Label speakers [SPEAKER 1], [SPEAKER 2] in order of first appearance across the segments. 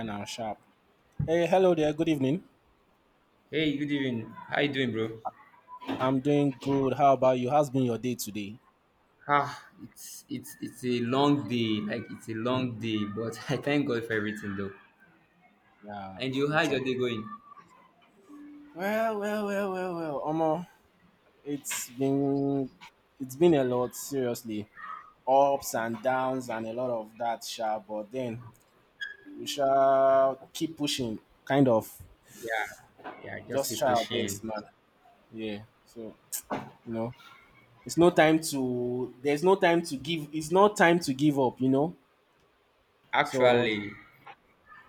[SPEAKER 1] And I'm sharp. Hey, hello there. Good evening.
[SPEAKER 2] Hey, good evening. How you doing, bro?
[SPEAKER 1] I'm doing good. How about you? How's been your day today?
[SPEAKER 2] Ah, it's a long day. Like it's a long day, but I thank God for everything though.
[SPEAKER 1] Yeah,
[SPEAKER 2] And you, how's your
[SPEAKER 1] actually.
[SPEAKER 2] day going?
[SPEAKER 1] Well, well, well, well, well. Omo, it's been it's been a lot, seriously. Ups and downs and a lot of that, sha. But then we shall keep pushing, kind of.
[SPEAKER 2] Yeah, yeah, just
[SPEAKER 1] Just
[SPEAKER 2] keep
[SPEAKER 1] try our best,
[SPEAKER 2] pushing.
[SPEAKER 1] man. Yeah. So you know, it's no time to. There's no time to give. It's not time to give up. You know. So
[SPEAKER 2] Actually,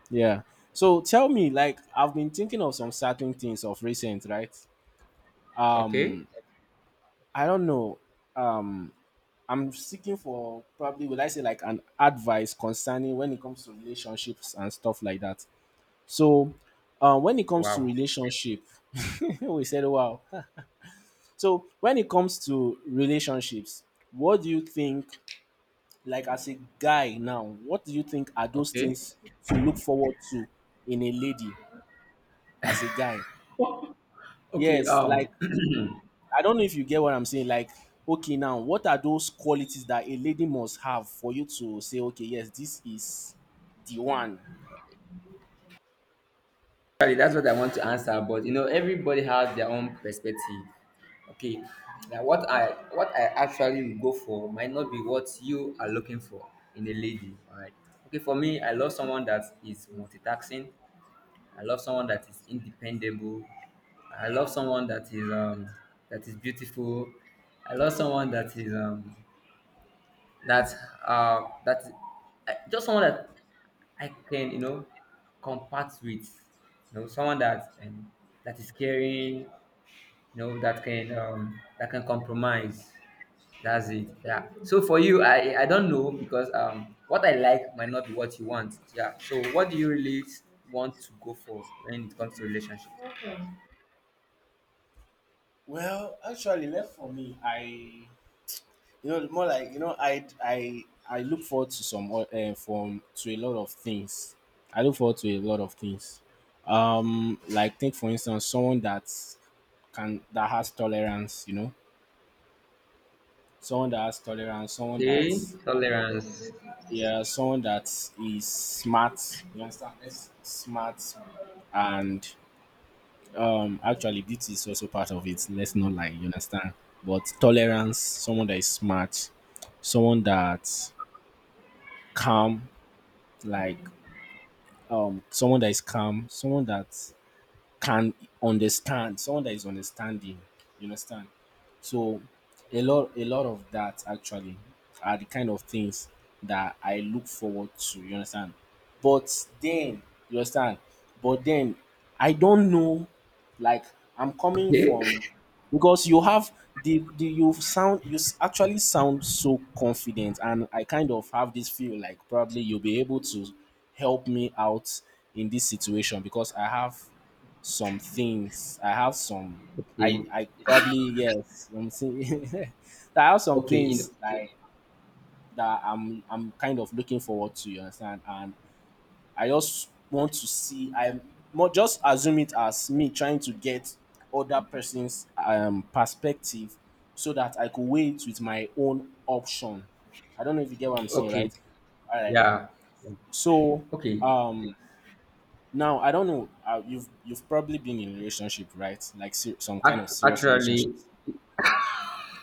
[SPEAKER 1] yeah. So tell me, like, I've been thinking of some certain things of recent, right?
[SPEAKER 2] okay.
[SPEAKER 1] Um, I don't know. Um, I'm seeking for probably would I say like an advice concerning when it comes to relationships and stuff like that. So, when it comes to
[SPEAKER 2] Wow.
[SPEAKER 1] relationship, we said wow. So when it comes to relationships, what do you think? Like as a guy now, what do you think are those
[SPEAKER 2] Okay.
[SPEAKER 1] things to look forward to in a lady as a guy?
[SPEAKER 2] okay,
[SPEAKER 1] Yes,
[SPEAKER 2] um
[SPEAKER 1] like I don't know if you get what I'm saying. Like, okay, now what are those qualities that a lady must have for you to say, okay, yes, this is the one?
[SPEAKER 2] Actually, that's what I want to answer, but you know, everybody has their own perspective. Okay, now what I actually will go for might not be what you are looking for in a lady. All right. Okay, for me, I love someone that is multitasking. I love someone that is independable. I love someone that is beautiful. I love someone that is that that I, just someone that I can, you know, compact with, you know, someone that is caring, you know, that can compromise. That's it. Yeah. So for you, I don't know because what I like might not be what you want. Yeah. So what do you really want to go for when it comes to relationship?
[SPEAKER 1] Well, actually, left for me, I you know more like you know I look forward to some from to a lot of things. I look forward to a lot of things. Like take for instance someone that can that has tolerance. You know, someone that has tolerance. Someone that
[SPEAKER 2] Okay, tolerance.
[SPEAKER 1] yeah, someone that is smart. You understand? Let's smart and actually beauty is also part of it. Let's not lie, you understand? But tolerance, someone that is smart, someone that calm, like someone that is calm, someone that can understand, someone that is understanding, you understand? So a lot of that actually are the kind of things that I look forward to, you understand? But then, you understand? But then I don't know like I'm coming
[SPEAKER 2] Okay,
[SPEAKER 1] from because you have the you sound actually sound so confident and I kind of have this feel like probably you'll be able to help me out in this situation because I have some things. I have some. I
[SPEAKER 2] okay,
[SPEAKER 1] I probably yes. I'm saying I have some
[SPEAKER 2] okay.
[SPEAKER 1] things like that. I'm kind of looking forward to. You understand? And I just want to see. I'm more just assume it as me trying to get other person's perspective so that I could weigh it with my own option. I don't know if you get what I'm saying,
[SPEAKER 2] Okay,
[SPEAKER 1] right? All right.
[SPEAKER 2] yeah. Yeah.
[SPEAKER 1] So
[SPEAKER 2] Okay.
[SPEAKER 1] um now, I don't know. You've probably been in a relationship, right? Like some kind of serious
[SPEAKER 2] Actually,
[SPEAKER 1] relationship.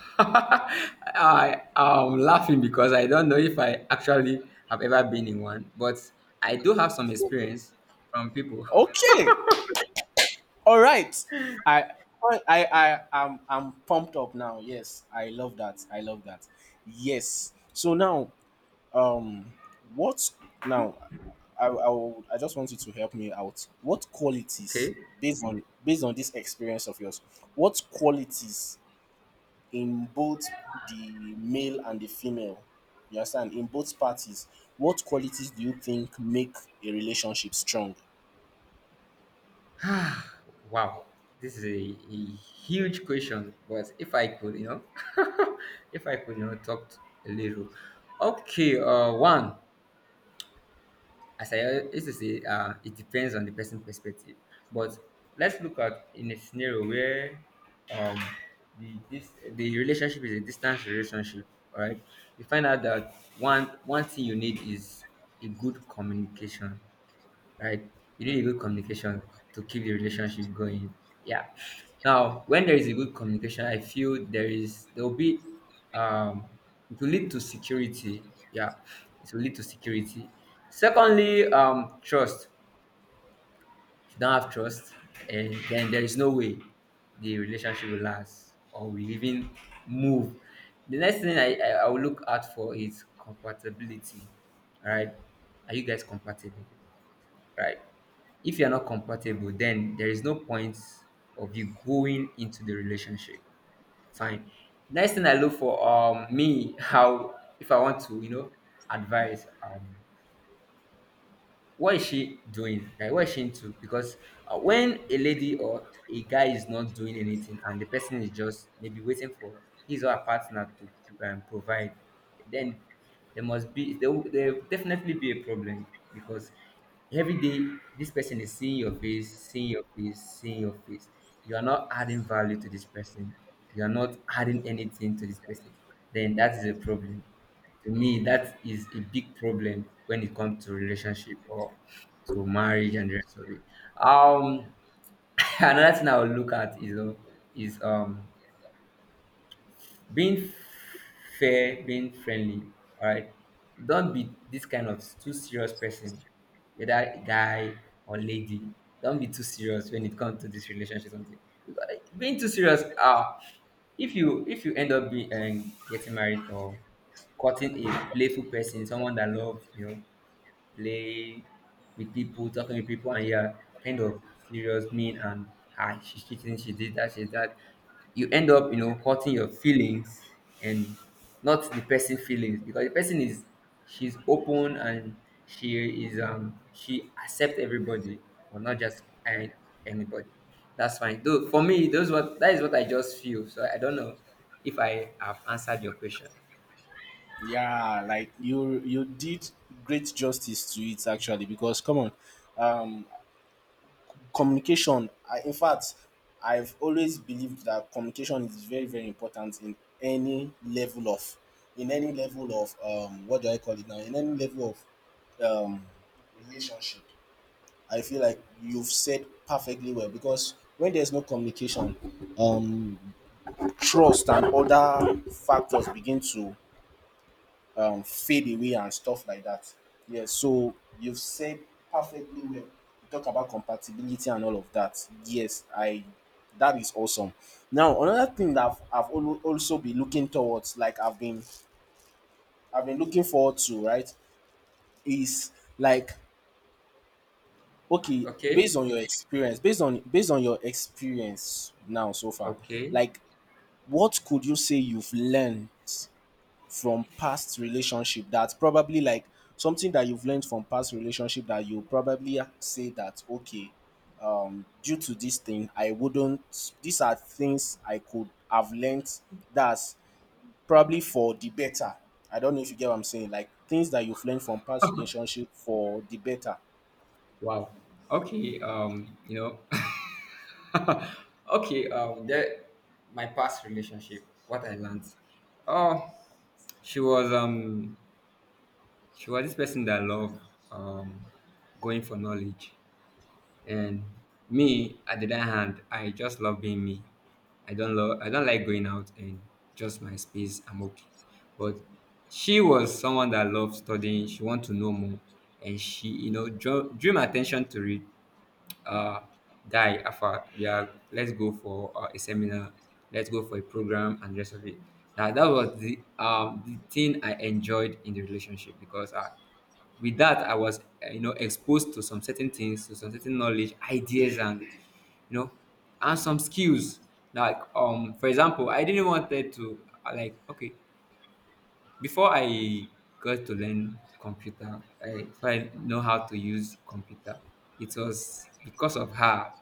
[SPEAKER 2] I am laughing because I don't know if I actually have ever been in one, but I do have some experience from people.
[SPEAKER 1] Okay, all right. I I'm pumped up now. Yes, I love that. I love that. Yes. So now, um, what now? I just want you to help me out. What qualities
[SPEAKER 2] Okay.
[SPEAKER 1] based on based on this experience of yours? What qualities in both the male and the female you understand in both parties what qualities do you think make a relationship strong?
[SPEAKER 2] Wow. This is a huge question, but if I could, you know, if I could, you know, talk a little. Okay. One. As I used to say, it depends on the person perspective. But let's look at in a scenario where um, the relationship is a distance relationship. All right, you find out that one thing you need is a good communication, right? You need a good communication to keep the relationship going. Yeah. Now, when there is a good communication, I feel there will be um it will lead to security. Yeah, it will lead to security. Secondly, trust. If you don't have trust, and then there is no way the relationship will last or will even move. The next thing I will look out for is compatibility. All right. Are you guys compatible, right? If you're not compatible, then there is no point of you going into the relationship. Fine. Next thing I look for, me, how if I want to, you know, advise, what is she doing, like what is she into? Because when a lady or a guy is not doing anything and the person is just maybe waiting for his or her partner to provide, then there must be there will definitely be a problem, because every day this person is seeing your face, seeing your face, seeing your face, you are not adding value to this person, you are not adding anything to this person, then that is a problem. To me, that is a big problem when it comes to relationship or to marriage and the rest of it. um another thing I will look at is, you know, is being fair, being friendly. All right, don't be this kind of too serious person, whether guy or lady. Don't be too serious when it comes to this relationship or something, because being too serious, if you end up being getting married or cutting a playful person, someone that loves you play with people, talking with people, and you're kind of serious, mean, and, ah, she's cheating, she did that, she did that. You end up, you know, hurting your feelings and not the person feelings, because the person is, she's open and she is she accept everybody, but not just anybody. That's fine. Though for me, those what that is what I just feel. So I don't know if I have answered your question.
[SPEAKER 1] Yeah, like you did great justice to it actually because come on, um, communication. I, in fact, I've always believed that communication is very very important in any level of, in any level of what do I call it now? In any level of um, relationship. I feel like you've said perfectly well because when there's no communication, um, trust and other factors begin to fade away and stuff like that. Yeah, so you've said perfectly well. You talk about compatibility and all of that. Yes, I. That is awesome. Now, another thing that also been looking towards, like I've been looking forward to, right, is like okay, based
[SPEAKER 2] Okay.
[SPEAKER 1] on your experience, based on based on your experience now so far,
[SPEAKER 2] Okay.
[SPEAKER 1] like what could you say you've learned from past relationship that probably like something that you've learned from past relationship that you probably say that okay, due to this thing, I wouldn't. These are things I could have learned that's probably for the better. I don't know if you get what I'm saying. Like things that you've learned from past relationship for the better.
[SPEAKER 2] Wow. Okay. You know. okay. That my past relationship. What I learned. Oh, she was um. She was this person that loved um, going for knowledge, and me at the other hand, I just love being me. I don't love. I don't like going out, and just my space, I'm okay. But she was someone that loved studying. She wanted to know more, and she, you know, drew my attention to it. uh, guy, Alpha, yeah, let's go for a seminar, let's go for a program, and the rest of it. Now, that was the thing I enjoyed in the relationship, because I, with that, I was, you know, exposed to some certain things, to some certain knowledge, ideas, and, you know, and some skills. Like, for example, I didn't want it to, like, okay, before I got to learn computer, I so I know how to use computer. It was because of her.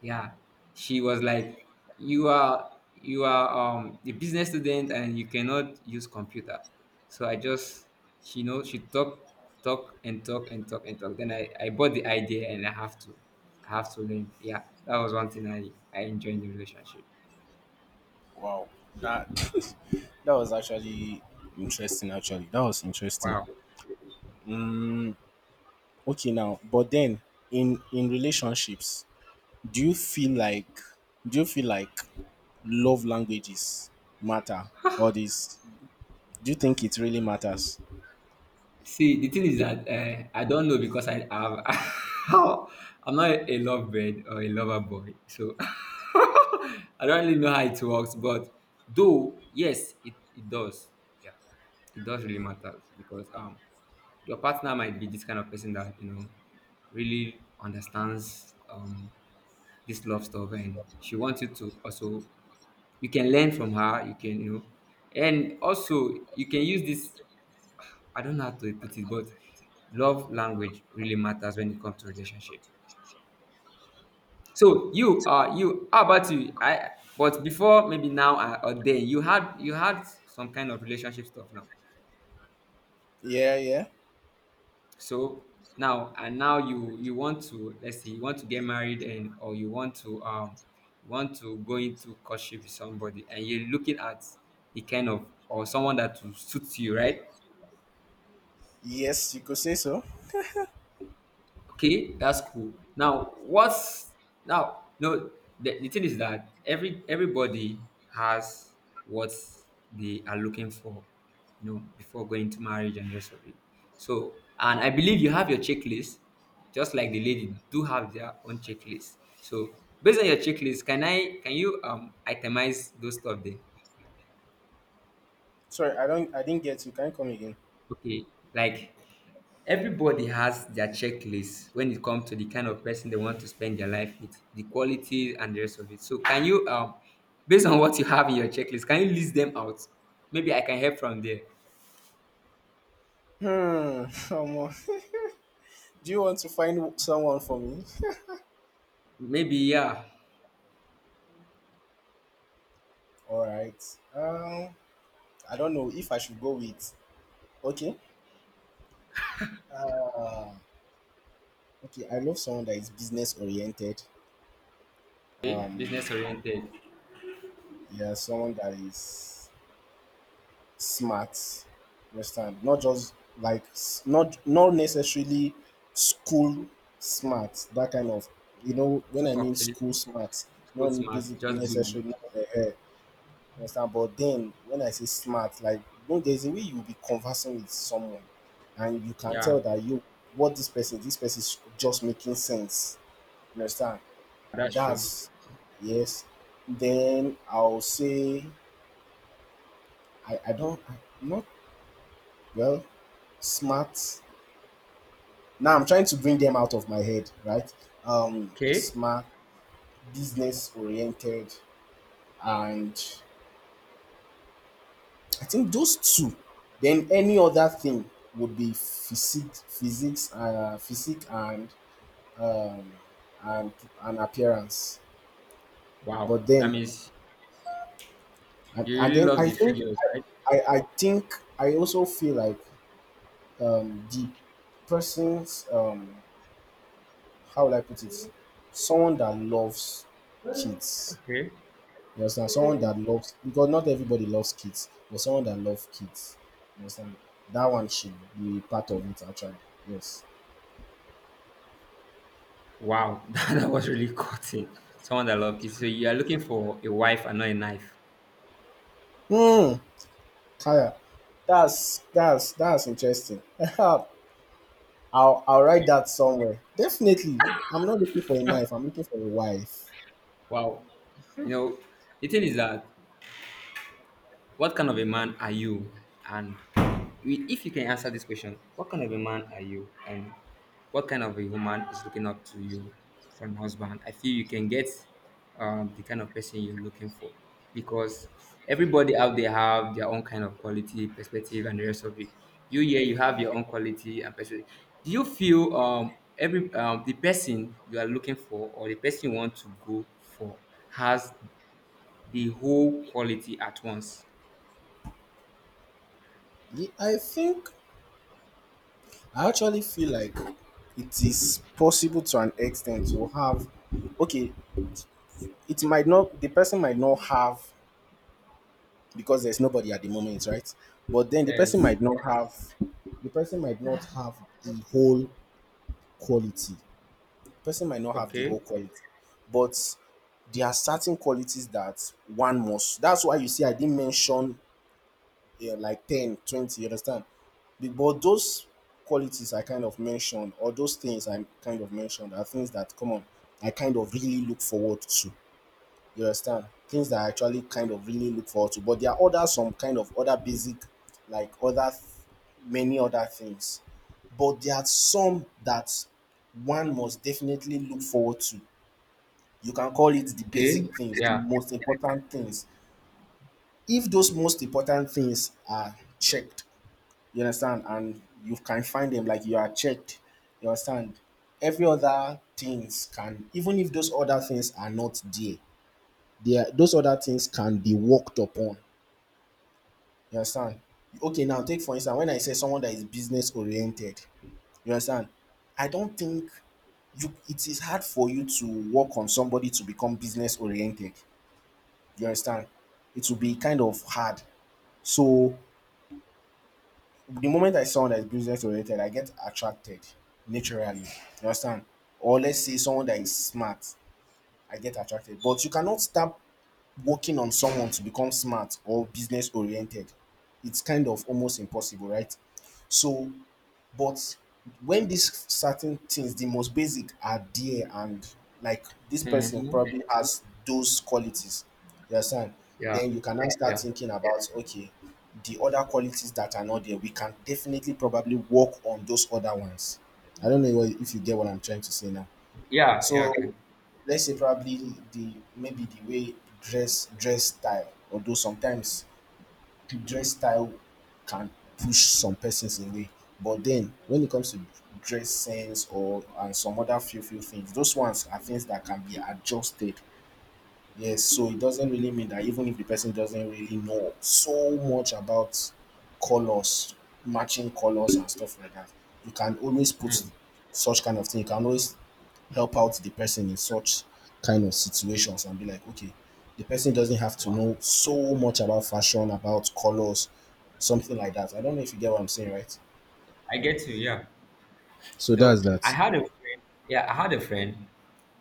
[SPEAKER 2] Yeah, she was like, "You are you are a business student and you cannot use computer." So I just, she know, she talk and talk and talk and talk. Then I bought the idea and I have to learn. Yeah, that was one thing I enjoyed in the relationship.
[SPEAKER 1] Wow, that that was actually interesting. Actually, that was interesting.
[SPEAKER 2] Wow.
[SPEAKER 1] Okay, now, but then in relationships, do you feel like do you feel like love languages matter? Or this? Do you think it really matters?
[SPEAKER 2] See, the thing is that, I don't know because I have I'm not a lovebird or a lover boy, so I don't really know how it works. But though, yes, it does. Yeah, it does really matter because, your partner might be this kind of person that, you know, really understands this love stuff, and she wants you to also, you can learn from her. You can, you know, and also you can use this, I don't know how to put it, but love language really matters when it comes to relationship. So you, you, how about you? But before, maybe now or then, you had some kind of relationship stuff now.
[SPEAKER 1] Yeah, yeah.
[SPEAKER 2] So now, and now you want to, let's say you want to get married, and or you want to go into courtship with somebody, and you're looking at the kind of, or someone that will suit you, right?
[SPEAKER 1] Yes, you could say so.
[SPEAKER 2] Okay, that's cool. Now, what's now? No, the thing is that every everybody has what they are looking for, you know, before going to marriage and rest of it. So, and I believe you have your checklist, just like the lady do have their own checklist. So, based on your checklist, can you, itemize those stuff there?
[SPEAKER 1] Sorry, I don't. I didn't get you. Can you come again?
[SPEAKER 2] Okay, like everybody has their checklist when it comes to the kind of person they want to spend their life with, the qualities and the rest of it. So, can you, based on what you have in your checklist, can you list them out? Maybe I can help from there.
[SPEAKER 1] Hmm. Omo. Do you want to find someone for me?
[SPEAKER 2] Maybe yeah,
[SPEAKER 1] All right. Um, I don't know if I should go with. Okay. Okay, I love someone that is business oriented.
[SPEAKER 2] okay,
[SPEAKER 1] Um,
[SPEAKER 2] business oriented.
[SPEAKER 1] yeah, someone that is smart. Understand? Not just like not not necessarily school smart. That kind of you know when I mean
[SPEAKER 2] Okay,
[SPEAKER 1] school smart,
[SPEAKER 2] school
[SPEAKER 1] not
[SPEAKER 2] smart,
[SPEAKER 1] basic
[SPEAKER 2] just boogie.
[SPEAKER 1] necessarily. Understand? But then when I say smart, like no, there's a way you will be conversing with someone, and you can tell
[SPEAKER 2] Yeah,
[SPEAKER 1] that you what this person is just making sense. You understand?
[SPEAKER 2] that's true.
[SPEAKER 1] That's yes. Then I'll say I don't I, not well smart. Now I'm trying to bring them out of my head, right?
[SPEAKER 2] Okay.
[SPEAKER 1] Smart, business oriented, and I think those two. Then any other thing would be physique um, and and appearance.
[SPEAKER 2] Wow,
[SPEAKER 1] But
[SPEAKER 2] that
[SPEAKER 1] then
[SPEAKER 2] means you
[SPEAKER 1] and
[SPEAKER 2] really
[SPEAKER 1] then
[SPEAKER 2] love
[SPEAKER 1] I
[SPEAKER 2] the
[SPEAKER 1] think
[SPEAKER 2] figures, right?
[SPEAKER 1] I think I also feel like the person's how will I put it? Someone that loves kids.
[SPEAKER 2] Okay.
[SPEAKER 1] You understand? Someone that loves because not everybody loves kids, but someone that loves kids. You understand? That one should be part of it actually. Yes.
[SPEAKER 2] Wow, that was really cutting. Someone that love kids. So you are looking for a wife and not a knife.
[SPEAKER 1] Hmm. Kaya. That's interesting. I'll write that somewhere. Definitely. I'm not looking for a knife. I'm looking for a wife.
[SPEAKER 2] Wow. You know, the thing is that, what kind of a man are you? And if you can answer this question, what kind of a man are you? And what kind of a woman is looking up to you for an husband? I feel you can get, the kind of person you're looking for, because everybody out there have their own kind of quality, perspective, and the rest of it. You here, you have your own quality and perspective. Do you feel every, the person you are looking for or the person you want to go for has the whole quality at once?
[SPEAKER 1] I think I actually feel like it is possible to an extent to have okay, it might not the person might not have because there's nobody at the moment, right? But then the person
[SPEAKER 2] Yes.
[SPEAKER 1] might not have the person might not have the whole quality. Person might not have the
[SPEAKER 2] Okay.
[SPEAKER 1] whole quality. But there are certain qualities that one must. That's why you see I didn't mention yeah, like 10, 20. You understand? But those qualities I kind of mentioned, or those things I kind of mentioned, are things that, come on, I kind of really look forward to. You understand? Things that I actually kind of really look forward to. But there are other, some kind of other basic, like other, many other things. But there are some that one must definitely look forward to. You can call it the basic
[SPEAKER 2] Okay.
[SPEAKER 1] things, the
[SPEAKER 2] Yeah.
[SPEAKER 1] most important things. If those most important things are checked, you understand? And you can find them like you are checked. You understand? Every other things can, even if those other things are not there, they are, those other things can be worked upon. You understand? Okay, now take for instance when I say someone that is business oriented. You understand? I don't think you it is hard for you to work on somebody to become business oriented. You understand? It will be kind of hard. So the moment I saw someone that is business oriented, I get attracted naturally. You understand? Or let's say someone that is smart, I get attracted. But you cannot start working on someone to become smart or business oriented. It's kind of almost impossible, right? So but when these certain things, the most basic are there, and like this person
[SPEAKER 2] Mm-hmm.
[SPEAKER 1] probably has those qualities, you understand?
[SPEAKER 2] Yeah.
[SPEAKER 1] Then you can now start
[SPEAKER 2] Yeah.
[SPEAKER 1] thinking about okay, the other qualities that are not there, we can definitely probably work on those other ones. I don't know if you get what I'm trying to say now.
[SPEAKER 2] Yeah.
[SPEAKER 1] So
[SPEAKER 2] Yeah. Okay.
[SPEAKER 1] let's say probably the maybe the way dress style, although sometimes the dress style can push some persons away. But then when it comes to dress sense or and some other few things, those ones are things that can be adjusted. Yes, so it doesn't really mean that even if the person doesn't really know so much about colors, matching colors and stuff like that, you can always put
[SPEAKER 2] Hmm.
[SPEAKER 1] such kind of thing. You can always help out the person in such kind of situations and be like, okay, the person doesn't have to
[SPEAKER 2] Wow.
[SPEAKER 1] know so much about fashion, about colors, something like that. I don't know if you get what I'm saying, right?
[SPEAKER 2] I get you. Yeah.
[SPEAKER 1] So that's
[SPEAKER 2] No, I
[SPEAKER 1] that.
[SPEAKER 2] had a friend. Yeah, I had a friend.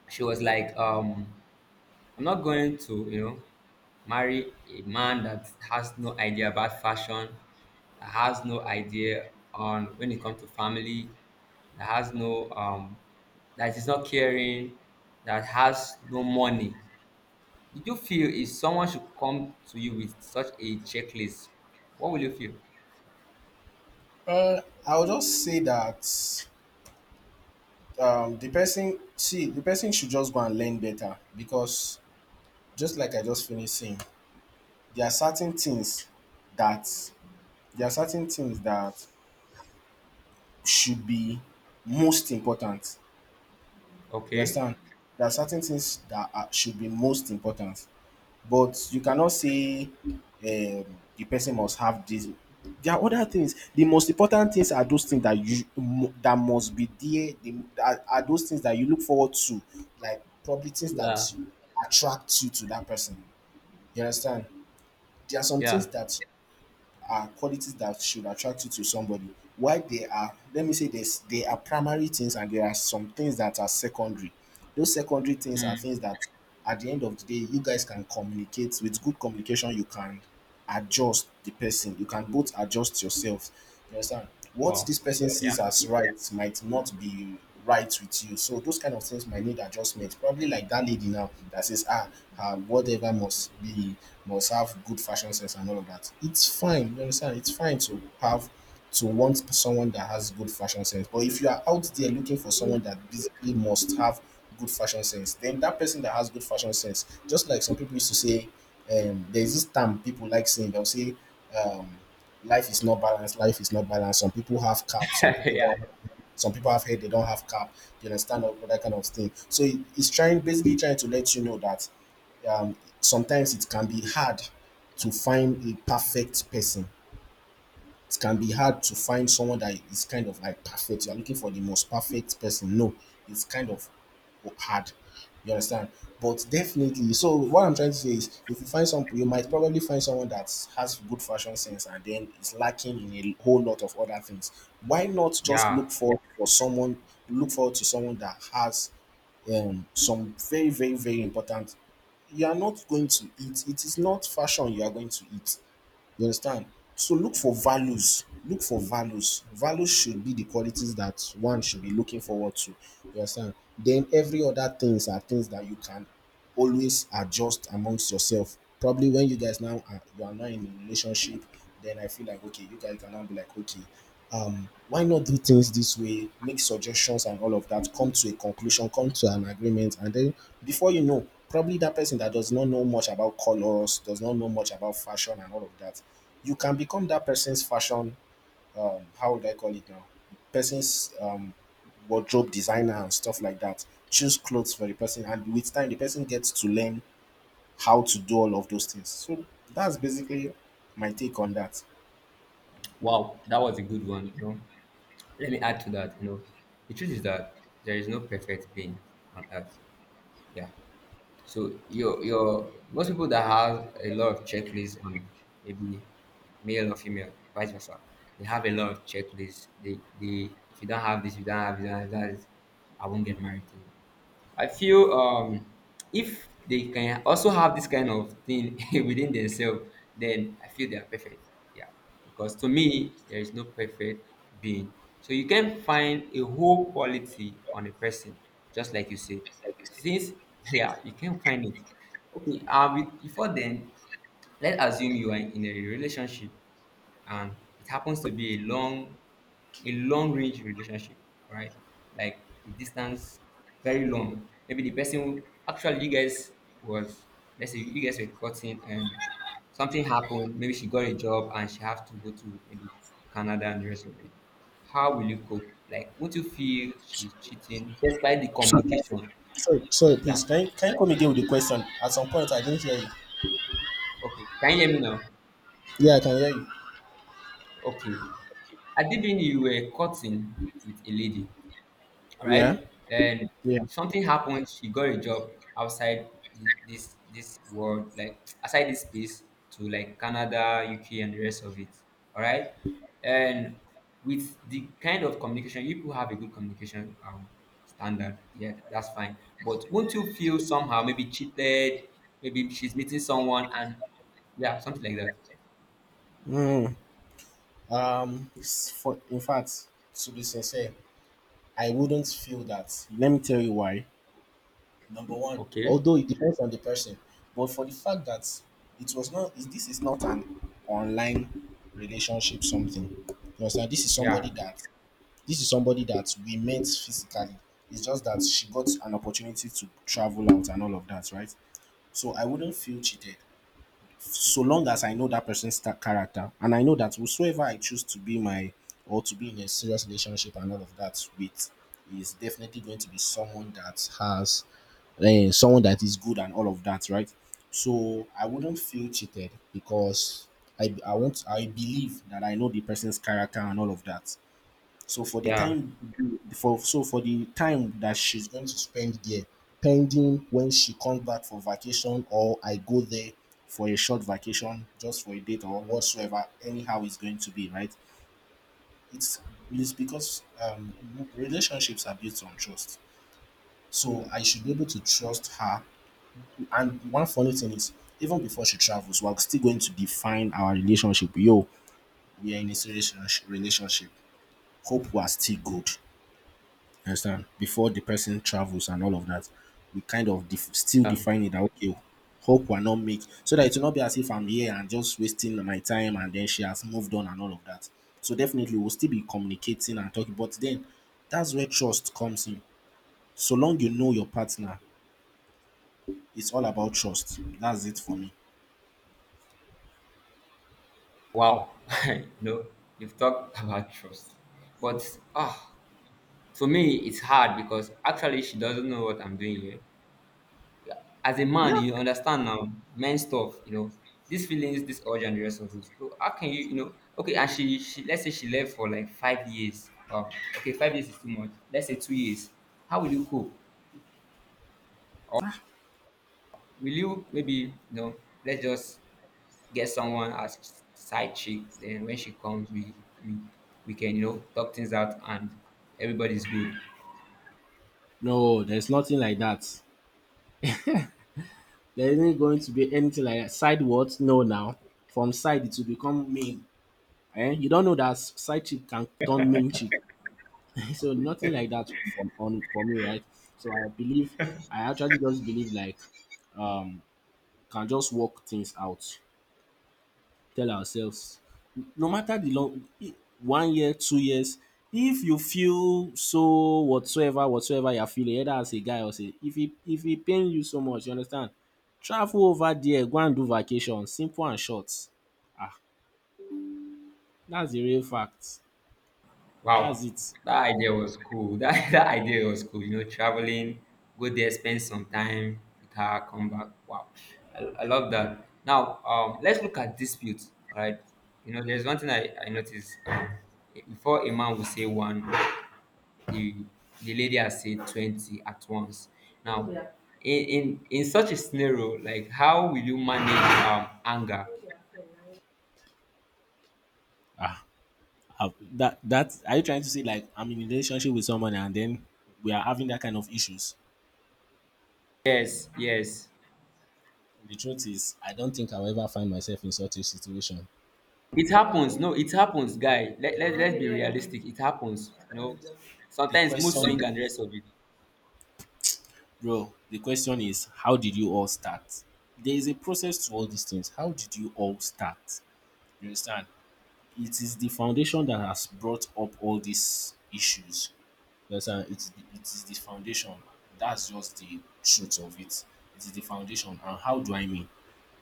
[SPEAKER 2] She was like, I'm not going to, you know, marry a man that has no idea about fashion, that has no idea on when it comes to family, that has no that is not caring, that has no money. Did you feel if someone should come to you with such a checklist, what will you feel?
[SPEAKER 1] Uh, I'll just say that the person, see, the person should just go and learn better because just like I just finished saying, there are certain things that there are certain things that should be most important. You
[SPEAKER 2] Okay.
[SPEAKER 1] understand? There are certain things that are, should be most important, but you cannot say the person must have this. There are other things. The most important things are those things that that must be there. Are those things that you look forward to, like probably things that
[SPEAKER 2] Yeah.
[SPEAKER 1] attract you to that person. You understand? There are some things
[SPEAKER 2] Yeah.
[SPEAKER 1] that are qualities that should attract you to somebody. Why they are, let me say this, they are primary things and there are some things that are secondary. Those secondary things are
[SPEAKER 2] Mm.
[SPEAKER 1] things that at the end of the day, you guys can communicate. With good communication, you can adjust the person, you can both adjust yourself. You understand? What
[SPEAKER 2] Wow.
[SPEAKER 1] this person
[SPEAKER 2] Yeah.
[SPEAKER 1] sees as right might not be right with you, so those kind of things might need adjustment. Probably like that lady now that says, ah, her whatever must be, must have good fashion sense and all of that, it's fine. You understand? It's fine to have, to want someone that has good fashion sense. But if you are out there looking for someone that basically must have good fashion sense, then that person that has good fashion sense, just like some people used to say, there's this term people like saying, they'll say, um, life is not balanced, life is not balanced. Some people have cap, some people
[SPEAKER 2] yeah.
[SPEAKER 1] don't. Some people have head, they don't have cap. You understand all that kind of thing. So it's trying, basically trying to let you know that sometimes it can be hard to find a perfect person. It can be hard to find someone that is kind of like perfect. You're looking for the most perfect person. No, it's kind of hard. You understand? But definitely, so what I'm trying to say is, if you find some, you might probably find someone that has good fashion sense and then is lacking in a whole lot of other things. Why not just
[SPEAKER 2] Yeah.
[SPEAKER 1] look for someone, look forward to someone that has some very, very, very important. You are not going to eat. It is not fashion you are going to eat. You understand? So look for values. Look for values. Values should be the qualities that one should be looking forward to. You understand? Then every other things are things that you can always adjust amongst yourself. Probably when you guys now you are now in a relationship, then I feel like, okay, you guys can now be like, okay, why not do things this way? Make suggestions and all of that. Come to a conclusion, come to an agreement, and then before you know, probably that person that does not know much about colors, does not know much about fashion and all of that, you can become that person's fashion, how would I call it now? Person's, wardrobe designer and stuff like that. Choose clothes for the person, and with time, the person gets to learn how to do all of those things. So that's basically my take on that.
[SPEAKER 2] Wow. That was a good one. You know, let me add to that. You know, the truth is that there is no perfect being on earth. Yeah. So your most people that have a lot of checklists on maybe male or female, vice versa, they have a lot of checklists. They if you don't have this, you don't have that, I won't get married to you. I feel, if they can also have this kind of thing within themselves, then I feel they are perfect. Yeah, because to me, there is no perfect being. So you can find a whole quality on a person, just like you say. Since yeah, you can find it. Okay. Before then, let's assume you are in a relationship and it happens to be a long range relationship, right, like a distance, very long. Maybe the person who actually you guys was, let's say you guys were cutting and something happened. Maybe she got a job and she have to go to maybe Canada and the rest of it. How will you cope? Like, won't you feel she's cheating despite the communication?
[SPEAKER 1] Sorry, sorry,
[SPEAKER 2] Yeah.
[SPEAKER 1] please. Can you come again with the question? At some point, I didn't hear you.
[SPEAKER 2] Okay, can you hear me now?
[SPEAKER 1] Yeah, I can hear you.
[SPEAKER 2] Okay, I mean, you were cutting with a lady,
[SPEAKER 1] Yeah,
[SPEAKER 2] right? Then
[SPEAKER 1] yeah.
[SPEAKER 2] something happened. She got a job outside this world, like outside this space, to like Canada, UK, and the rest of it. All right, and with the kind of communication, if you have a good communication standard, yeah, that's fine. But won't you feel somehow maybe cheated? Maybe she's meeting someone, and yeah, something like that.
[SPEAKER 1] Mm. For in fact, to be sincere, I wouldn't feel that. Let me tell you why. Number one,
[SPEAKER 2] Okay.
[SPEAKER 1] although it depends on the person, but for the fact that it was not, this is not an online relationship something. You understand? This is somebody
[SPEAKER 2] Yeah.
[SPEAKER 1] that we met physically. It's just that she got an opportunity to travel out and all of that, right? So I wouldn't feel cheated so long as I know that character, and I know that whosoever I choose to be my, or to be in a serious relationship and all of that with, is definitely going to be someone that has, someone that is good and all of that, right? So I wouldn't feel cheated because I believe that I know the person's character and all of that. So
[SPEAKER 2] Yeah.
[SPEAKER 1] for the time that she's going to spend there, pending when she comes back for vacation or I go there for a short vacation just for a date or whatsoever, anyhow it's going to be, right? It's it's because relationships are built on trust. So I should be able to trust her. And one funny thing is, even before she travels, we're still going to define our relationship. Yo, we are in a serious relationship. Hope we are still good. You understand? Before the person travels and all of that, we kind of still define it that, okay, hope we're not make, so that it will not be as if I'm here and just wasting my time and then she has moved on and all of that. So definitely we'll still be communicating and talking, but then that's where trust comes in. So long you know your partner, it's all about trust. That's it for me.
[SPEAKER 2] Wow, no, you've talked about trust, but ah, to me it's hard because actually she doesn't know what I'm doing here. As a man,
[SPEAKER 1] Yeah.
[SPEAKER 2] you understand now, men stuff, these feelings, this urge and the rest of it. So how can you, okay? And she let's say she left for like 5 years. Wow, okay, 5 years is too much. Let's say 2 years. How will you cope?
[SPEAKER 1] Ah,
[SPEAKER 2] Will you maybe, let's just get someone as side chick. Then when she comes, we we can talk things out and everybody's good.
[SPEAKER 1] no, there's nothing like that. There isn't going to be anything like that. Side what? No, now. From side, it will become main. And you don't know that side chick can turn main chick. So nothing like that from on for me, right? So I believe I actually just believe like um can just work things out, tell ourselves no matter the long, one year, two years, if you feel so whatsoever, whatsoever you're feeling, either as a guy or say if it pain you so much, you understand? Travel over there, go and do vacation, simple and short. Ah, that's the real fact. That's
[SPEAKER 2] Wow,
[SPEAKER 1] it.
[SPEAKER 2] that idea was cool. That idea was cool. You know, traveling, go there, spend some time with her, come back. Wow, I love that. Now, let's look at disputes. All right, there's one thing I noticed. Before a man will say one. the the lady has said 20 at once. Now, in such a scenario, like how will you manage anger?
[SPEAKER 1] Ah, have that are you trying to say like I'm in a relationship with someone and then we are having that kind of issues?
[SPEAKER 2] Yes, yes.
[SPEAKER 1] The truth is, I don't think I'll ever find myself in such a situation.
[SPEAKER 2] It happens. No, it happens, guy. Let's be realistic. It happens,
[SPEAKER 1] The
[SPEAKER 2] sometimes mood
[SPEAKER 1] question,
[SPEAKER 2] swing and the rest of it.
[SPEAKER 1] bro, the question is, how did you all start? There is a process to all these things. How did you all start? You understand? It is the foundation that has brought up all these issues. You understand? It is it is the foundation. That's just the truth of it. It is the foundation. And how do I mean?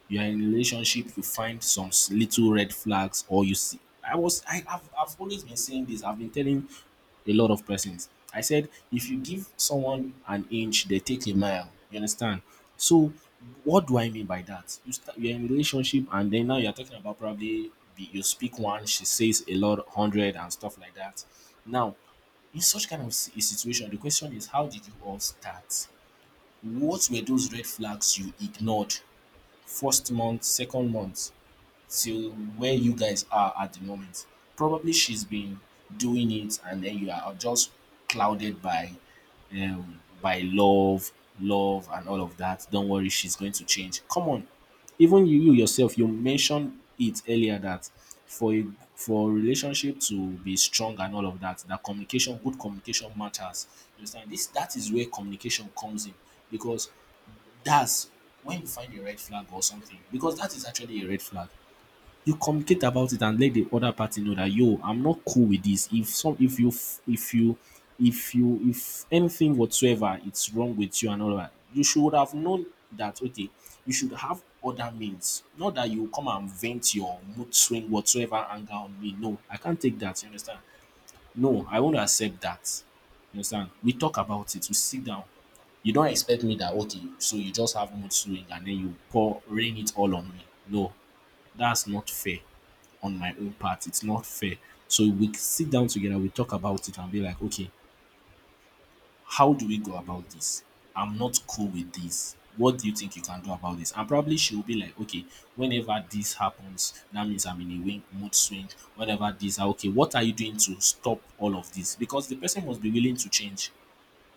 [SPEAKER 1] You are in a relationship, you find some little red flags, or you see. I've always been saying this. I've been telling a lot of persons. I said if you give someone an inch, they take a mile. You understand? So what do I mean by that? You're in a relationship and then now you're talking about probably you speak one, she says a lot hundred and stuff like that. Now, in such kind of a situation, the question is, how did you all start? What were those red flags you ignored? First month, second month, till where you guys are at the moment. Probably she's been doing it, and then you are just clouded by love, love, and all of that. Don't worry, she's going to change. Come on, even you, you yourself, you mentioned it earlier that for a for a relationship to be strong and all of that, that communication, good communication matters. You understand? This that is where communication comes in, because that's when you find a red flag or something, because that is actually a red flag. You communicate about it and let the other party know that, yo, I'm not cool with this. If you, if anything whatsoever it's wrong with you and all that, you should have known that, okay, you should have other means. Not that you come and vent your mood swing, whatsoever anger on me. No, I can't take that. You understand? No, I won't accept that. You understand? We talk about it, we sit down. You don't expect me that, okay, so you just have mood swing and then you pour, rain it all on me. No, that's not fair. On my own part, it's not fair. So we sit down together, we talk about it and be like, okay, how do we go about this? I'm not cool with this. What do you think you can do about this? And probably she will be like, okay, whenever this happens, that means I'm in a wing, mood swing. Whenever this, ah, okay, what are you doing to stop all of this? Because the person must be willing to change,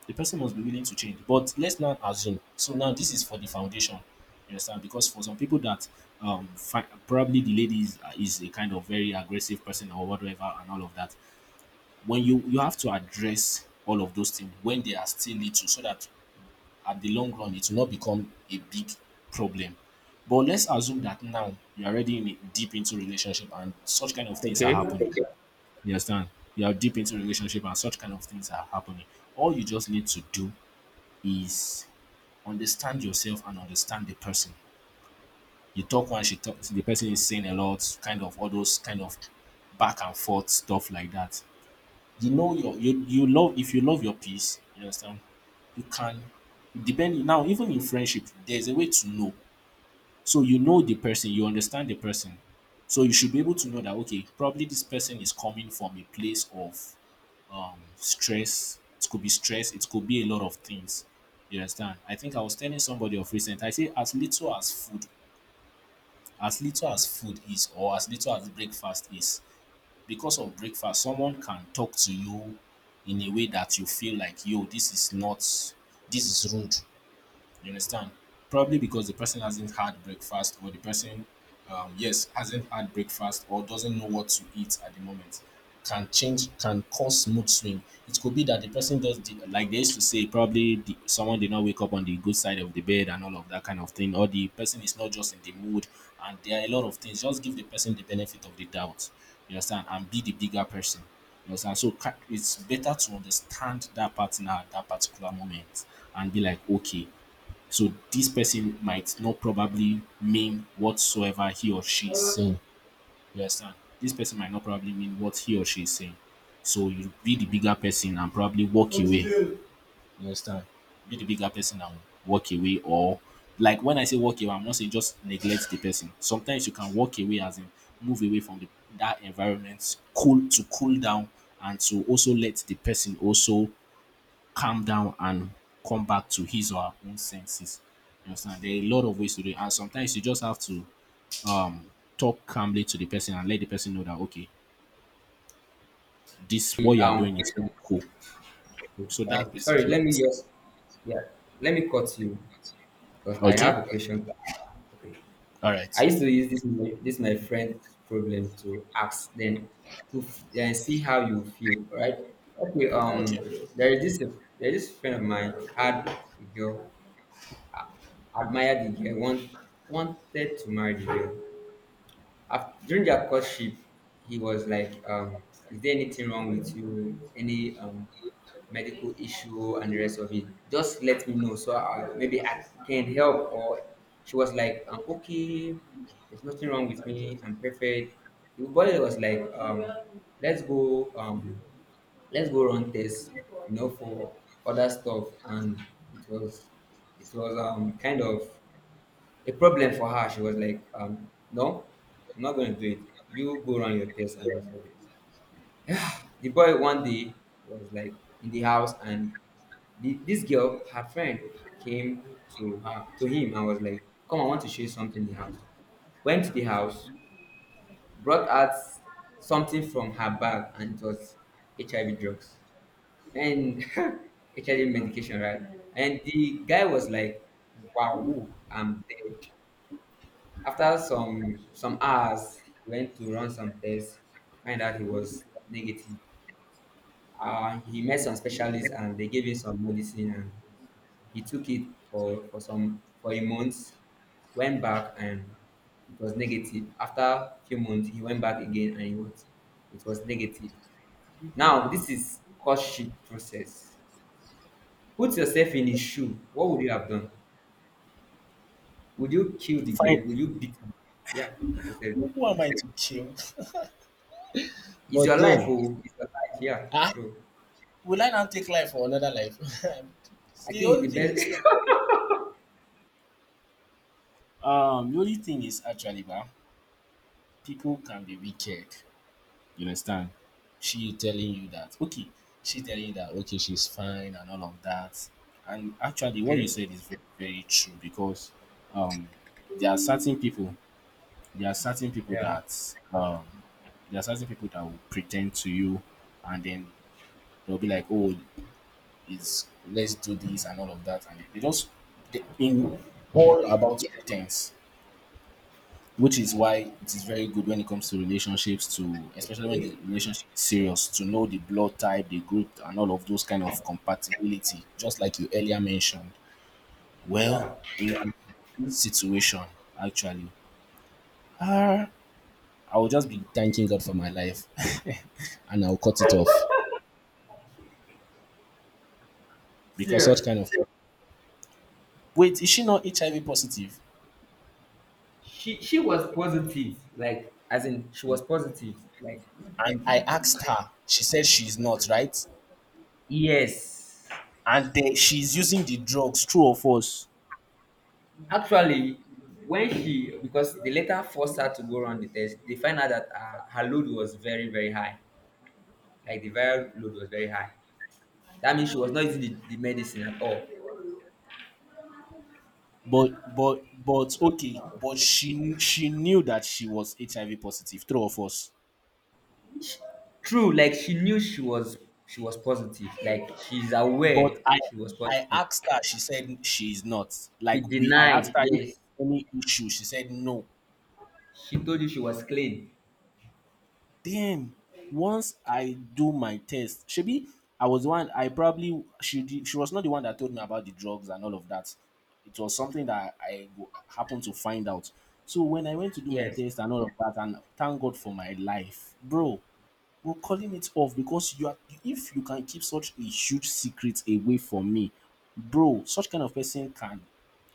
[SPEAKER 1] the person must be willing to change. But let's not assume. So now, this is for the foundation. You understand? Because for some people that probably the lady is a kind of very aggressive person or whatever and all of that. When you have to address all of those things when they are still little, so that at the long run it will not become a big problem. But let's assume that now you are already in, deep into relationship and such kind of things are
[SPEAKER 2] Okay.
[SPEAKER 1] happening. Okay. You understand? You are deep into relationship and such kind of things are happening. All you just need to do is understand yourself and understand the person. You talk when she talks, the person is saying a lot, kind of all those kind of back and forth stuff like that. You love if you love your piece, you understand, you can depending now, even in friendship, there's a way to know. So you know the person, you understand the person. So you should be able to know that okay, probably this person is coming from a place of stress. It could be stress, it could be a lot of things. You understand? I think I was telling somebody of recent, I say as little as food, as little as food is, or as little as breakfast is. Because of breakfast someone can talk to you in a way that you feel like, yo, this is not this is rude. You understand? Probably because the person hasn't had breakfast, or the person, yes, hasn't had breakfast, or doesn't know what to eat at the moment, can change, can cause mood swing. It could be that the person does the like they used to say, probably the, someone did not wake up on the good side of the bed and all of that kind of thing, or the person is not just in the mood, and there are a lot of things. Just give the person the benefit of the doubt. You understand? And be the bigger person. You understand? So it's better to understand that partner at that particular moment and be like, okay, so this person might not probably mean whatsoever he or she is saying. You understand? This person might not probably mean what he or she is saying. So you be the bigger person and probably walk away. Be the bigger person and walk away. Or like when I say walk away, I'm not saying just neglect the person. Sometimes you can walk away as in move away from the, that environment, cool to cool down and to also let the person also calm down and come back to his or her own senses. You understand? There are a lot of ways to do it. And sometimes you just have to um talk calmly to the person and let the person know that okay, this what you are
[SPEAKER 2] um
[SPEAKER 1] doing is not cool. So that's
[SPEAKER 2] sorry,
[SPEAKER 1] basically
[SPEAKER 2] let me
[SPEAKER 1] it.
[SPEAKER 2] just, yeah, let me cut you because I
[SPEAKER 1] Okay?
[SPEAKER 2] have a question to ask. Okay.
[SPEAKER 1] All
[SPEAKER 2] I
[SPEAKER 1] right.
[SPEAKER 2] used to use this my friend's problem to ask them and see how you feel, right? Okay,
[SPEAKER 1] Okay.
[SPEAKER 2] there is this there is this friend of mine had a girl, admired the girl, wanted to marry the girl. After, during their courtship, he was like, "Is there anything wrong with you? Any medical issue, and the rest of it, just let me know, so maybe I can help." Or she was like, "I'm okay, there's nothing wrong with me, I'm perfect." The boy was like, let's go um let's go run tests, you know, for other stuff. And it was it was kind of a problem for her. She was like, "No, I'm not going to do it. You go run your test and the rest of it." The boy one day was like in the house, and this girl, her friend, came to him and was like, "Come, I want to show you something in the house." Went to the house, brought out something from her bag, and it was HIV drugs and HIV medication, right? And the guy was like, "Wow, woo, I'm dead." After some hours, he went to run some tests, find out he was negative. He met some specialists and they gave him some medicine. And he took it for a month, went back and it was negative. After a few months, he went back again and it was negative. Now, this is courtship process. Put yourself in his shoe. What would you have done? Would you kill the
[SPEAKER 1] Fine.
[SPEAKER 2] girl? Would you beat her? Yeah, put yourself there.
[SPEAKER 1] Who am I to kill?
[SPEAKER 2] It's
[SPEAKER 1] But
[SPEAKER 2] your life,
[SPEAKER 1] then,
[SPEAKER 2] oh, it's your life. Yeah.
[SPEAKER 1] ah,
[SPEAKER 2] So
[SPEAKER 1] will I now take life for another life?
[SPEAKER 2] I
[SPEAKER 1] The
[SPEAKER 2] think it's the
[SPEAKER 1] only thing is,
[SPEAKER 2] best.
[SPEAKER 1] the only thing is actually, people can be wicked. You understand? She telling you that, okay, she telling you that, okay, she's fine and all of that. And actually, what you
[SPEAKER 2] okay.
[SPEAKER 1] said is very, very true. Because um, there are certain there are certain people
[SPEAKER 2] Yeah.
[SPEAKER 1] that, there are certain people that will pretend to you and then they'll be like, oh, it's, let's do this and all of that. And they just, they, in all about pretense. Which is why it is very good when it comes to relationships to especially when the
[SPEAKER 2] Okay.
[SPEAKER 1] relationship is serious, to know the blood type, the group, and all of those kind of compatibility, just like you earlier mentioned. Well,
[SPEAKER 2] Yeah.
[SPEAKER 1] in this situation, actually, ah, I will just be thanking God for my life and I'll cut it off because such
[SPEAKER 2] Serious.
[SPEAKER 1] kind of wait, is she not HIV positive?
[SPEAKER 2] She was positive. Like, as in she was positive. Like,
[SPEAKER 1] And I asked her, she said she's not, right?
[SPEAKER 2] yes.
[SPEAKER 1] And then she's using the drugs, true or false?
[SPEAKER 2] Actually, when she, because the letter forced her to go run the test, they find out that her load was very, very high. Like, the viral load was very high. That means she was not using the medicine at all.
[SPEAKER 1] But okay, but she knew that she was HIV positive, true or false?
[SPEAKER 2] Sh true, like she knew she was positive. Like, she's aware
[SPEAKER 1] But I
[SPEAKER 2] she was
[SPEAKER 1] I
[SPEAKER 2] positive.
[SPEAKER 1] asked her, she said she's not.
[SPEAKER 2] She
[SPEAKER 1] Like we I asked
[SPEAKER 2] denied.
[SPEAKER 1] her if
[SPEAKER 2] Yes.
[SPEAKER 1] any issue, she said no.
[SPEAKER 2] She told you she was clean.
[SPEAKER 1] Then once I do my test, shebi I was the one I probably she did, she was not the one that told me about the drugs and all of that. It was something that happened to find out. So when I went to do my
[SPEAKER 2] Yes.
[SPEAKER 1] test and all of that, and thank God for my life, bro. We're calling it off because you are if you can keep such a huge secret away from me, bro, such kind of person can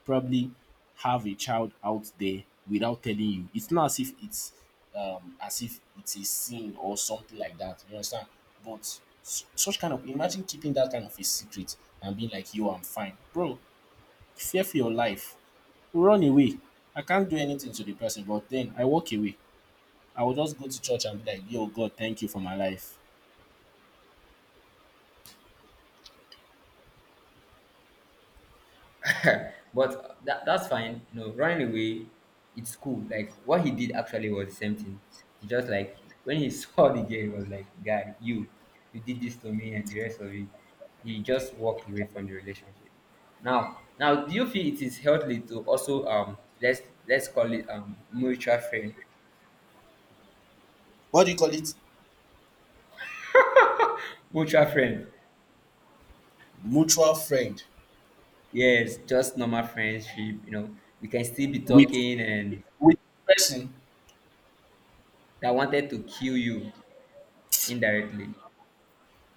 [SPEAKER 1] probably have a child out there without telling you. It's not as if it's as if it's a sin or something like that. You understand? But such kind of, imagine keeping that kind of a secret and being like, "Yo, I'm fine, bro. Fear for your life. Run away. I can't do anything to the person." But then I walk away. I will just go to church and be like, "Yo, God, thank you for my life."
[SPEAKER 2] But that's fine. No, running away, it's cool. Like what he did actually was the same thing. He just like when he saw the girl, he was like, "God, you did this to me," and the rest of it. He just walked away from the relationship. Now, do you feel it is healthy to also let's call it mutual friend,
[SPEAKER 1] What do you call it,
[SPEAKER 2] mutual friend?
[SPEAKER 1] mutual friend,
[SPEAKER 2] Yes, just normal friendship. We can still be
[SPEAKER 1] with
[SPEAKER 2] talking, and
[SPEAKER 1] with person?
[SPEAKER 2] that wanted to kill you indirectly.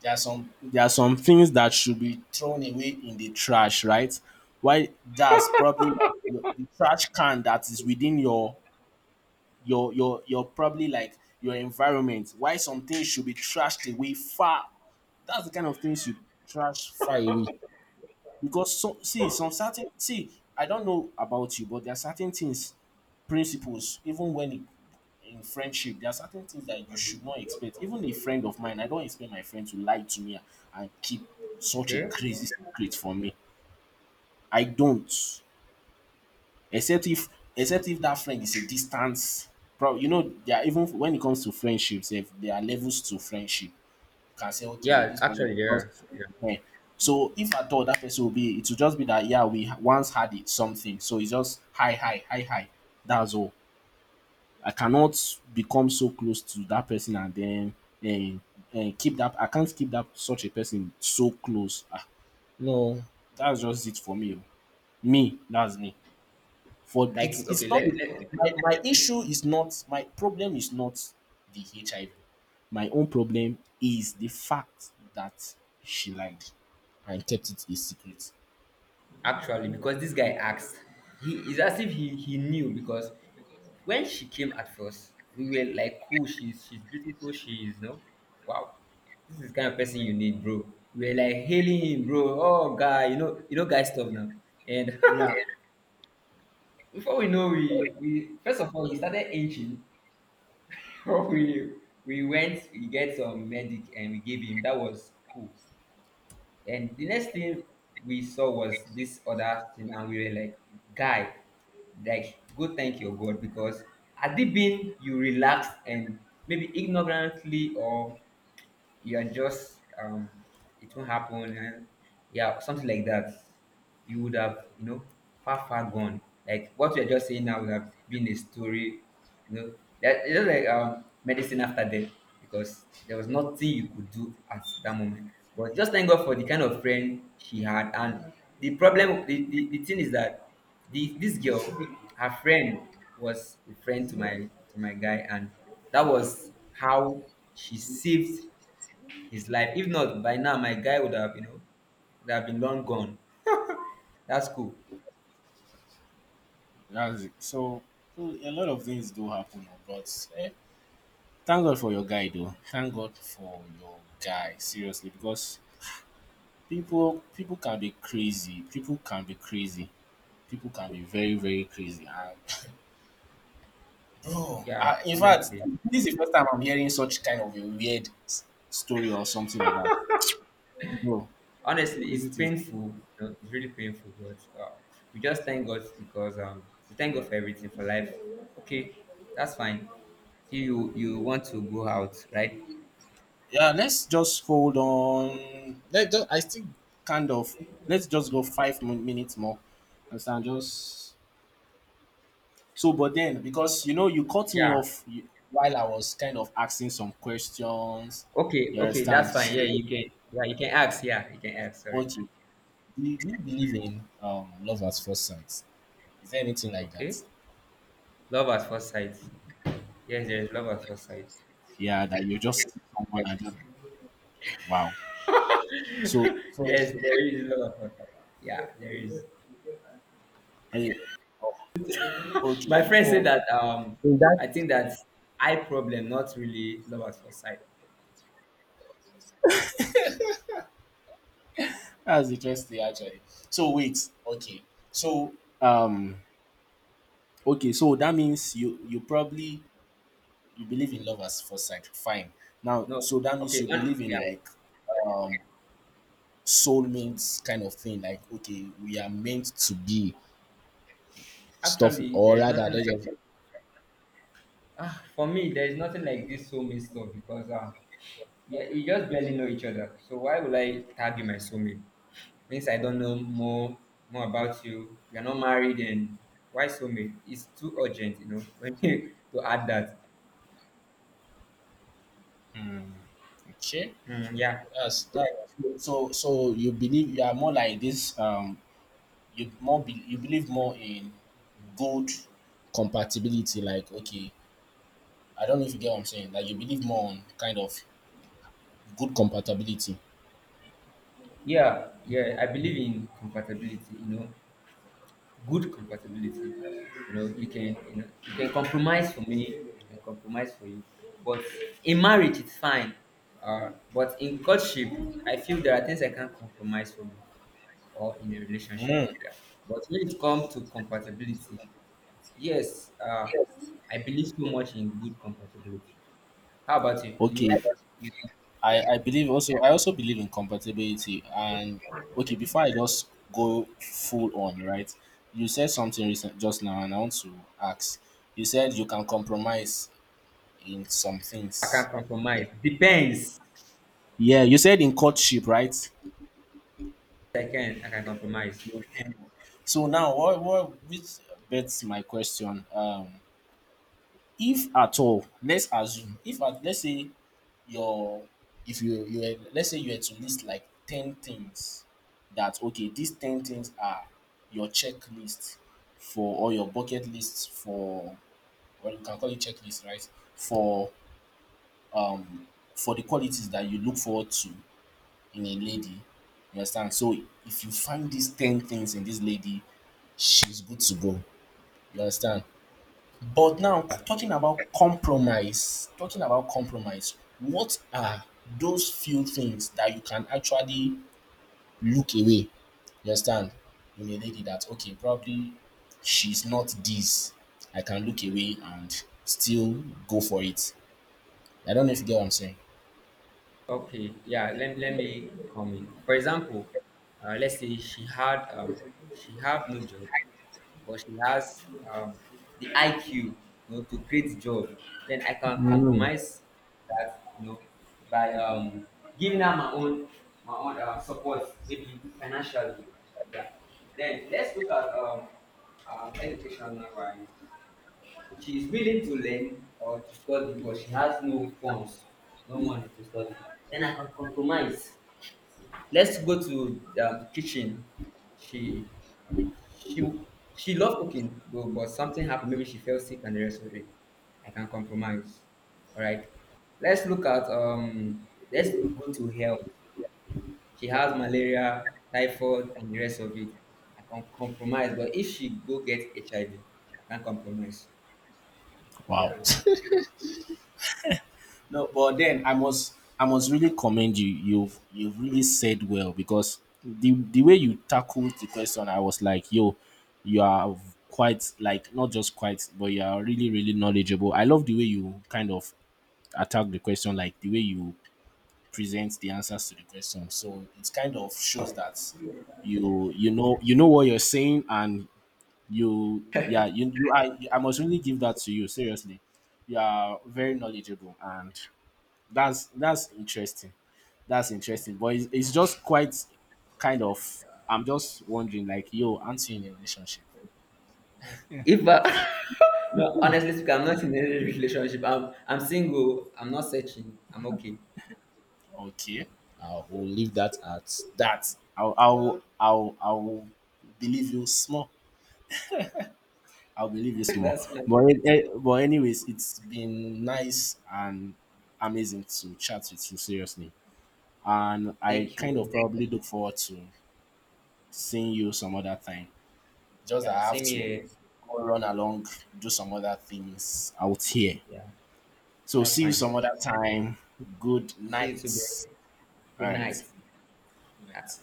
[SPEAKER 1] There are some, there are some things that should be thrown away in the trash, right? Why, that's probably like the trash can that is within your your probably like your environment. Why some things should be trashed away far, that's the kind of things you trash far away. Because so see some certain see, I don't know about you, but there are certain things, principles, even when it in friendship, there are certain things that you should not expect. Even a friend of mine, I don't expect my friend to lie to me and keep such a
[SPEAKER 2] Okay.
[SPEAKER 1] crazy secret from me. I don't, except if, except if that friend is a distance. Bro, you know there are, even when it comes to friendships, if there are levels to friendship, you can say okay
[SPEAKER 2] Yeah,
[SPEAKER 1] this person is
[SPEAKER 2] actually, yeah,
[SPEAKER 1] just
[SPEAKER 2] yeah.
[SPEAKER 1] eh. So if at all that person will be, it will just be that yeah we once had it something, so it's just hi hi hi hi, that's all. I cannot become so close to that person and then and, and keep that, I can't keep that such a person so close. Ah, no, that's just it for me. Oh. Me, that's me. For
[SPEAKER 2] Like, okay,
[SPEAKER 1] it's not
[SPEAKER 2] let, let
[SPEAKER 1] my, my issue is not, my problem is not the HIV. My own problem is the fact that she lied and kept it a secret.
[SPEAKER 2] actually because this guy asked. He is as if he knew, because when she came at first, we were like, cool, she's beautiful, she's wow, this is the kind of person you need, bro. We were like hailing him, bro. Oh, guy, guy stuff now. And
[SPEAKER 1] Yeah,
[SPEAKER 2] before we know, we first of all he started inching. we we went, we get some medic and we gave him. That was cool. And the next thing we saw was this other thing, and we were like, guy, like, go thank your God, because had it been you relaxed and maybe ignorantly, or you are just it won't happen and yeah, something like that, you would have, far far gone. Like what you're just saying now would have been a story, you know that it's just like medicine after death, because there was nothing you could do at that moment but just thank God for the kind of friend she had. And the thing is that this girl, her friend, was a friend to my guy, and that was how she saved his life. If not, by now my guy would have been long gone. That's cool.
[SPEAKER 1] that's it. So, so a lot of things do happen, oh, but eh, thank God for your guy though. Thank God for your guy. Seriously, because people, people can be crazy. People can be crazy. People can be very, very crazy. And bro,
[SPEAKER 2] Yeah,
[SPEAKER 1] I, in fact,
[SPEAKER 2] honestly,
[SPEAKER 1] this is the first time I'm hearing such kind of a weird story or something like that. Bro,
[SPEAKER 2] it's
[SPEAKER 1] crazy things.
[SPEAKER 2] painful. It's really painful, but we just thank God, because we thank God for everything, for life. Okay, that's fine. You want to go out, right?
[SPEAKER 1] Yeah, let's just hold on. Let just, I still kind of, let's just go five minutes more. Understand? Just, so, but then, because you know, you cut me
[SPEAKER 2] Yeah.
[SPEAKER 1] off you- while I was kind of asking some questions.
[SPEAKER 2] Okay.
[SPEAKER 1] You
[SPEAKER 2] Okay,
[SPEAKER 1] understand?
[SPEAKER 2] that's fine. Yeah, you can. Yeah, you can ask. Yeah, you can ask. Sorry.
[SPEAKER 1] What you do, you, do you believe in love at first sight? Is there anything like
[SPEAKER 2] Okay.
[SPEAKER 1] that?
[SPEAKER 2] Love at first sight. Yes, there is love at first sight.
[SPEAKER 1] Yeah, that you just see someone and just wow. So, so,
[SPEAKER 2] yes,
[SPEAKER 1] so
[SPEAKER 2] there is love at first sight. Yeah, there is.
[SPEAKER 1] oh, yeah. Oh, okay.
[SPEAKER 2] My friend said
[SPEAKER 1] So
[SPEAKER 2] that
[SPEAKER 1] in that,
[SPEAKER 2] I think that's eye problem, not really love at first sight.
[SPEAKER 1] that's interesting actually. So wait, okay. So um okay, so that means you, you probably, you believe in love at first sight. Fine. Now,
[SPEAKER 2] No,
[SPEAKER 1] so that means
[SPEAKER 2] okay,
[SPEAKER 1] you
[SPEAKER 2] and,
[SPEAKER 1] believe in
[SPEAKER 2] yeah.
[SPEAKER 1] like um soulmates kind of thing, like okay we are meant to be stuff,
[SPEAKER 2] Actually,
[SPEAKER 1] or
[SPEAKER 2] there is
[SPEAKER 1] rather
[SPEAKER 2] nothing
[SPEAKER 1] let's
[SPEAKER 2] like
[SPEAKER 1] just,
[SPEAKER 2] for me. There is nothing like this soulmate stuff, because yeah, we just barely know each other. So why would I tag you my soulmate? Means I don't know more about you. We are not married, and why soulmate? It's too urgent, when you to add that.
[SPEAKER 1] okay,
[SPEAKER 2] Mm, yeah,
[SPEAKER 1] that's that. So so you believe you are more like this you more you believe more in good compatibility. Like okay, I don't know if you get what I'm saying, like you believe more on kind of good compatibility.
[SPEAKER 2] yeah, yeah. I believe in compatibility. Good compatibility. You can compromise for me, I can compromise for you. But in marriage, it's fine. But in courtship, I feel there are things I can't compromise for you, or in a relationship.
[SPEAKER 1] Mm,
[SPEAKER 2] Yeah. But when it comes to compatibility, yes, I believe so much in good compatibility. How about you? Do
[SPEAKER 1] okay.
[SPEAKER 2] you? you
[SPEAKER 1] I,
[SPEAKER 2] yeah,
[SPEAKER 1] I believe also, I also believe in compatibility. And okay, before I just go full on, right, you said something recent just now and I want to ask, you said you can compromise in some
[SPEAKER 2] I
[SPEAKER 1] things.
[SPEAKER 2] can compromise. Depends.
[SPEAKER 1] Yeah, you said in courtship, right?
[SPEAKER 2] I can. I can compromise.
[SPEAKER 1] Okay. So now what which begs my question, if at all let's assume, if at, let's say your if you you were, let's say you had to list like 10 things that okay these 10 things are your checklist for or your bucket list for, or you can call it checklist, right, for um for the qualities that you look forward to in a lady. You understand? So if you find these 10 things in this lady, she's good to go, you understand? But now, talking about compromise, what are those few things that you can actually look away? You understand? In a lady that, okay, probably she's not this, I can look away and still go for it. I don't know if you get what I'm saying.
[SPEAKER 2] Okay, yeah, let me comment. For example, let's say she had she have no job, but she has the IQ, you know, to create job. Then I can
[SPEAKER 1] Mm.
[SPEAKER 2] compromise that, by giving her my own support, maybe financially. Yeah. Then let's look at educational wise. She is willing to learn or to study, but she has no funds, no money to study. Then I can compromise. Let's go to the kitchen. She she she loved cooking, but something happened. Maybe she fell sick and the rest of it. I can compromise. All right. Let's look at. Let's go to health. She has malaria, typhoid, and the rest of it. I can compromise, but if she go get HIV, IV, I can compromise.
[SPEAKER 1] Wow.
[SPEAKER 2] Yeah.
[SPEAKER 1] No, but then I must, I must really commend you. You've really said well because the way you tackled the question, I was like, yo, you are quite like not just quite, but you are really really knowledgeable. I love the way you kind of attack the question, like the way you present the answers to the question. So it kind of shows that you know, you know what you're saying. And you, I must really give that to you seriously. You are very knowledgeable and that's interesting. That's interesting, but it's just quite kind of. I'm just wondering, like, yo, aren't you in a relationship?
[SPEAKER 2] If I, no, honestly speaking, I'm not in any relationship. I'm single. I'm not searching. I'm okay.
[SPEAKER 1] Okay, I'll we'll leave that at that. I'll believe you small. I'll believe you small.
[SPEAKER 2] that's fine.
[SPEAKER 1] But but anyways, it's been nice and amazing to chat with you seriously, and I
[SPEAKER 2] Thank
[SPEAKER 1] kind of
[SPEAKER 2] you.
[SPEAKER 1] probably look forward to seeing you some other time. Just that
[SPEAKER 2] Yeah,
[SPEAKER 1] I have
[SPEAKER 2] same
[SPEAKER 1] to
[SPEAKER 2] here.
[SPEAKER 1] go run along, do some other things out here.
[SPEAKER 2] Yeah,
[SPEAKER 1] So
[SPEAKER 2] that's
[SPEAKER 1] see you
[SPEAKER 2] fine.
[SPEAKER 1] some other time. Good
[SPEAKER 2] See you soon.
[SPEAKER 1] night. All
[SPEAKER 2] Good
[SPEAKER 1] right.
[SPEAKER 2] night.
[SPEAKER 1] Good night.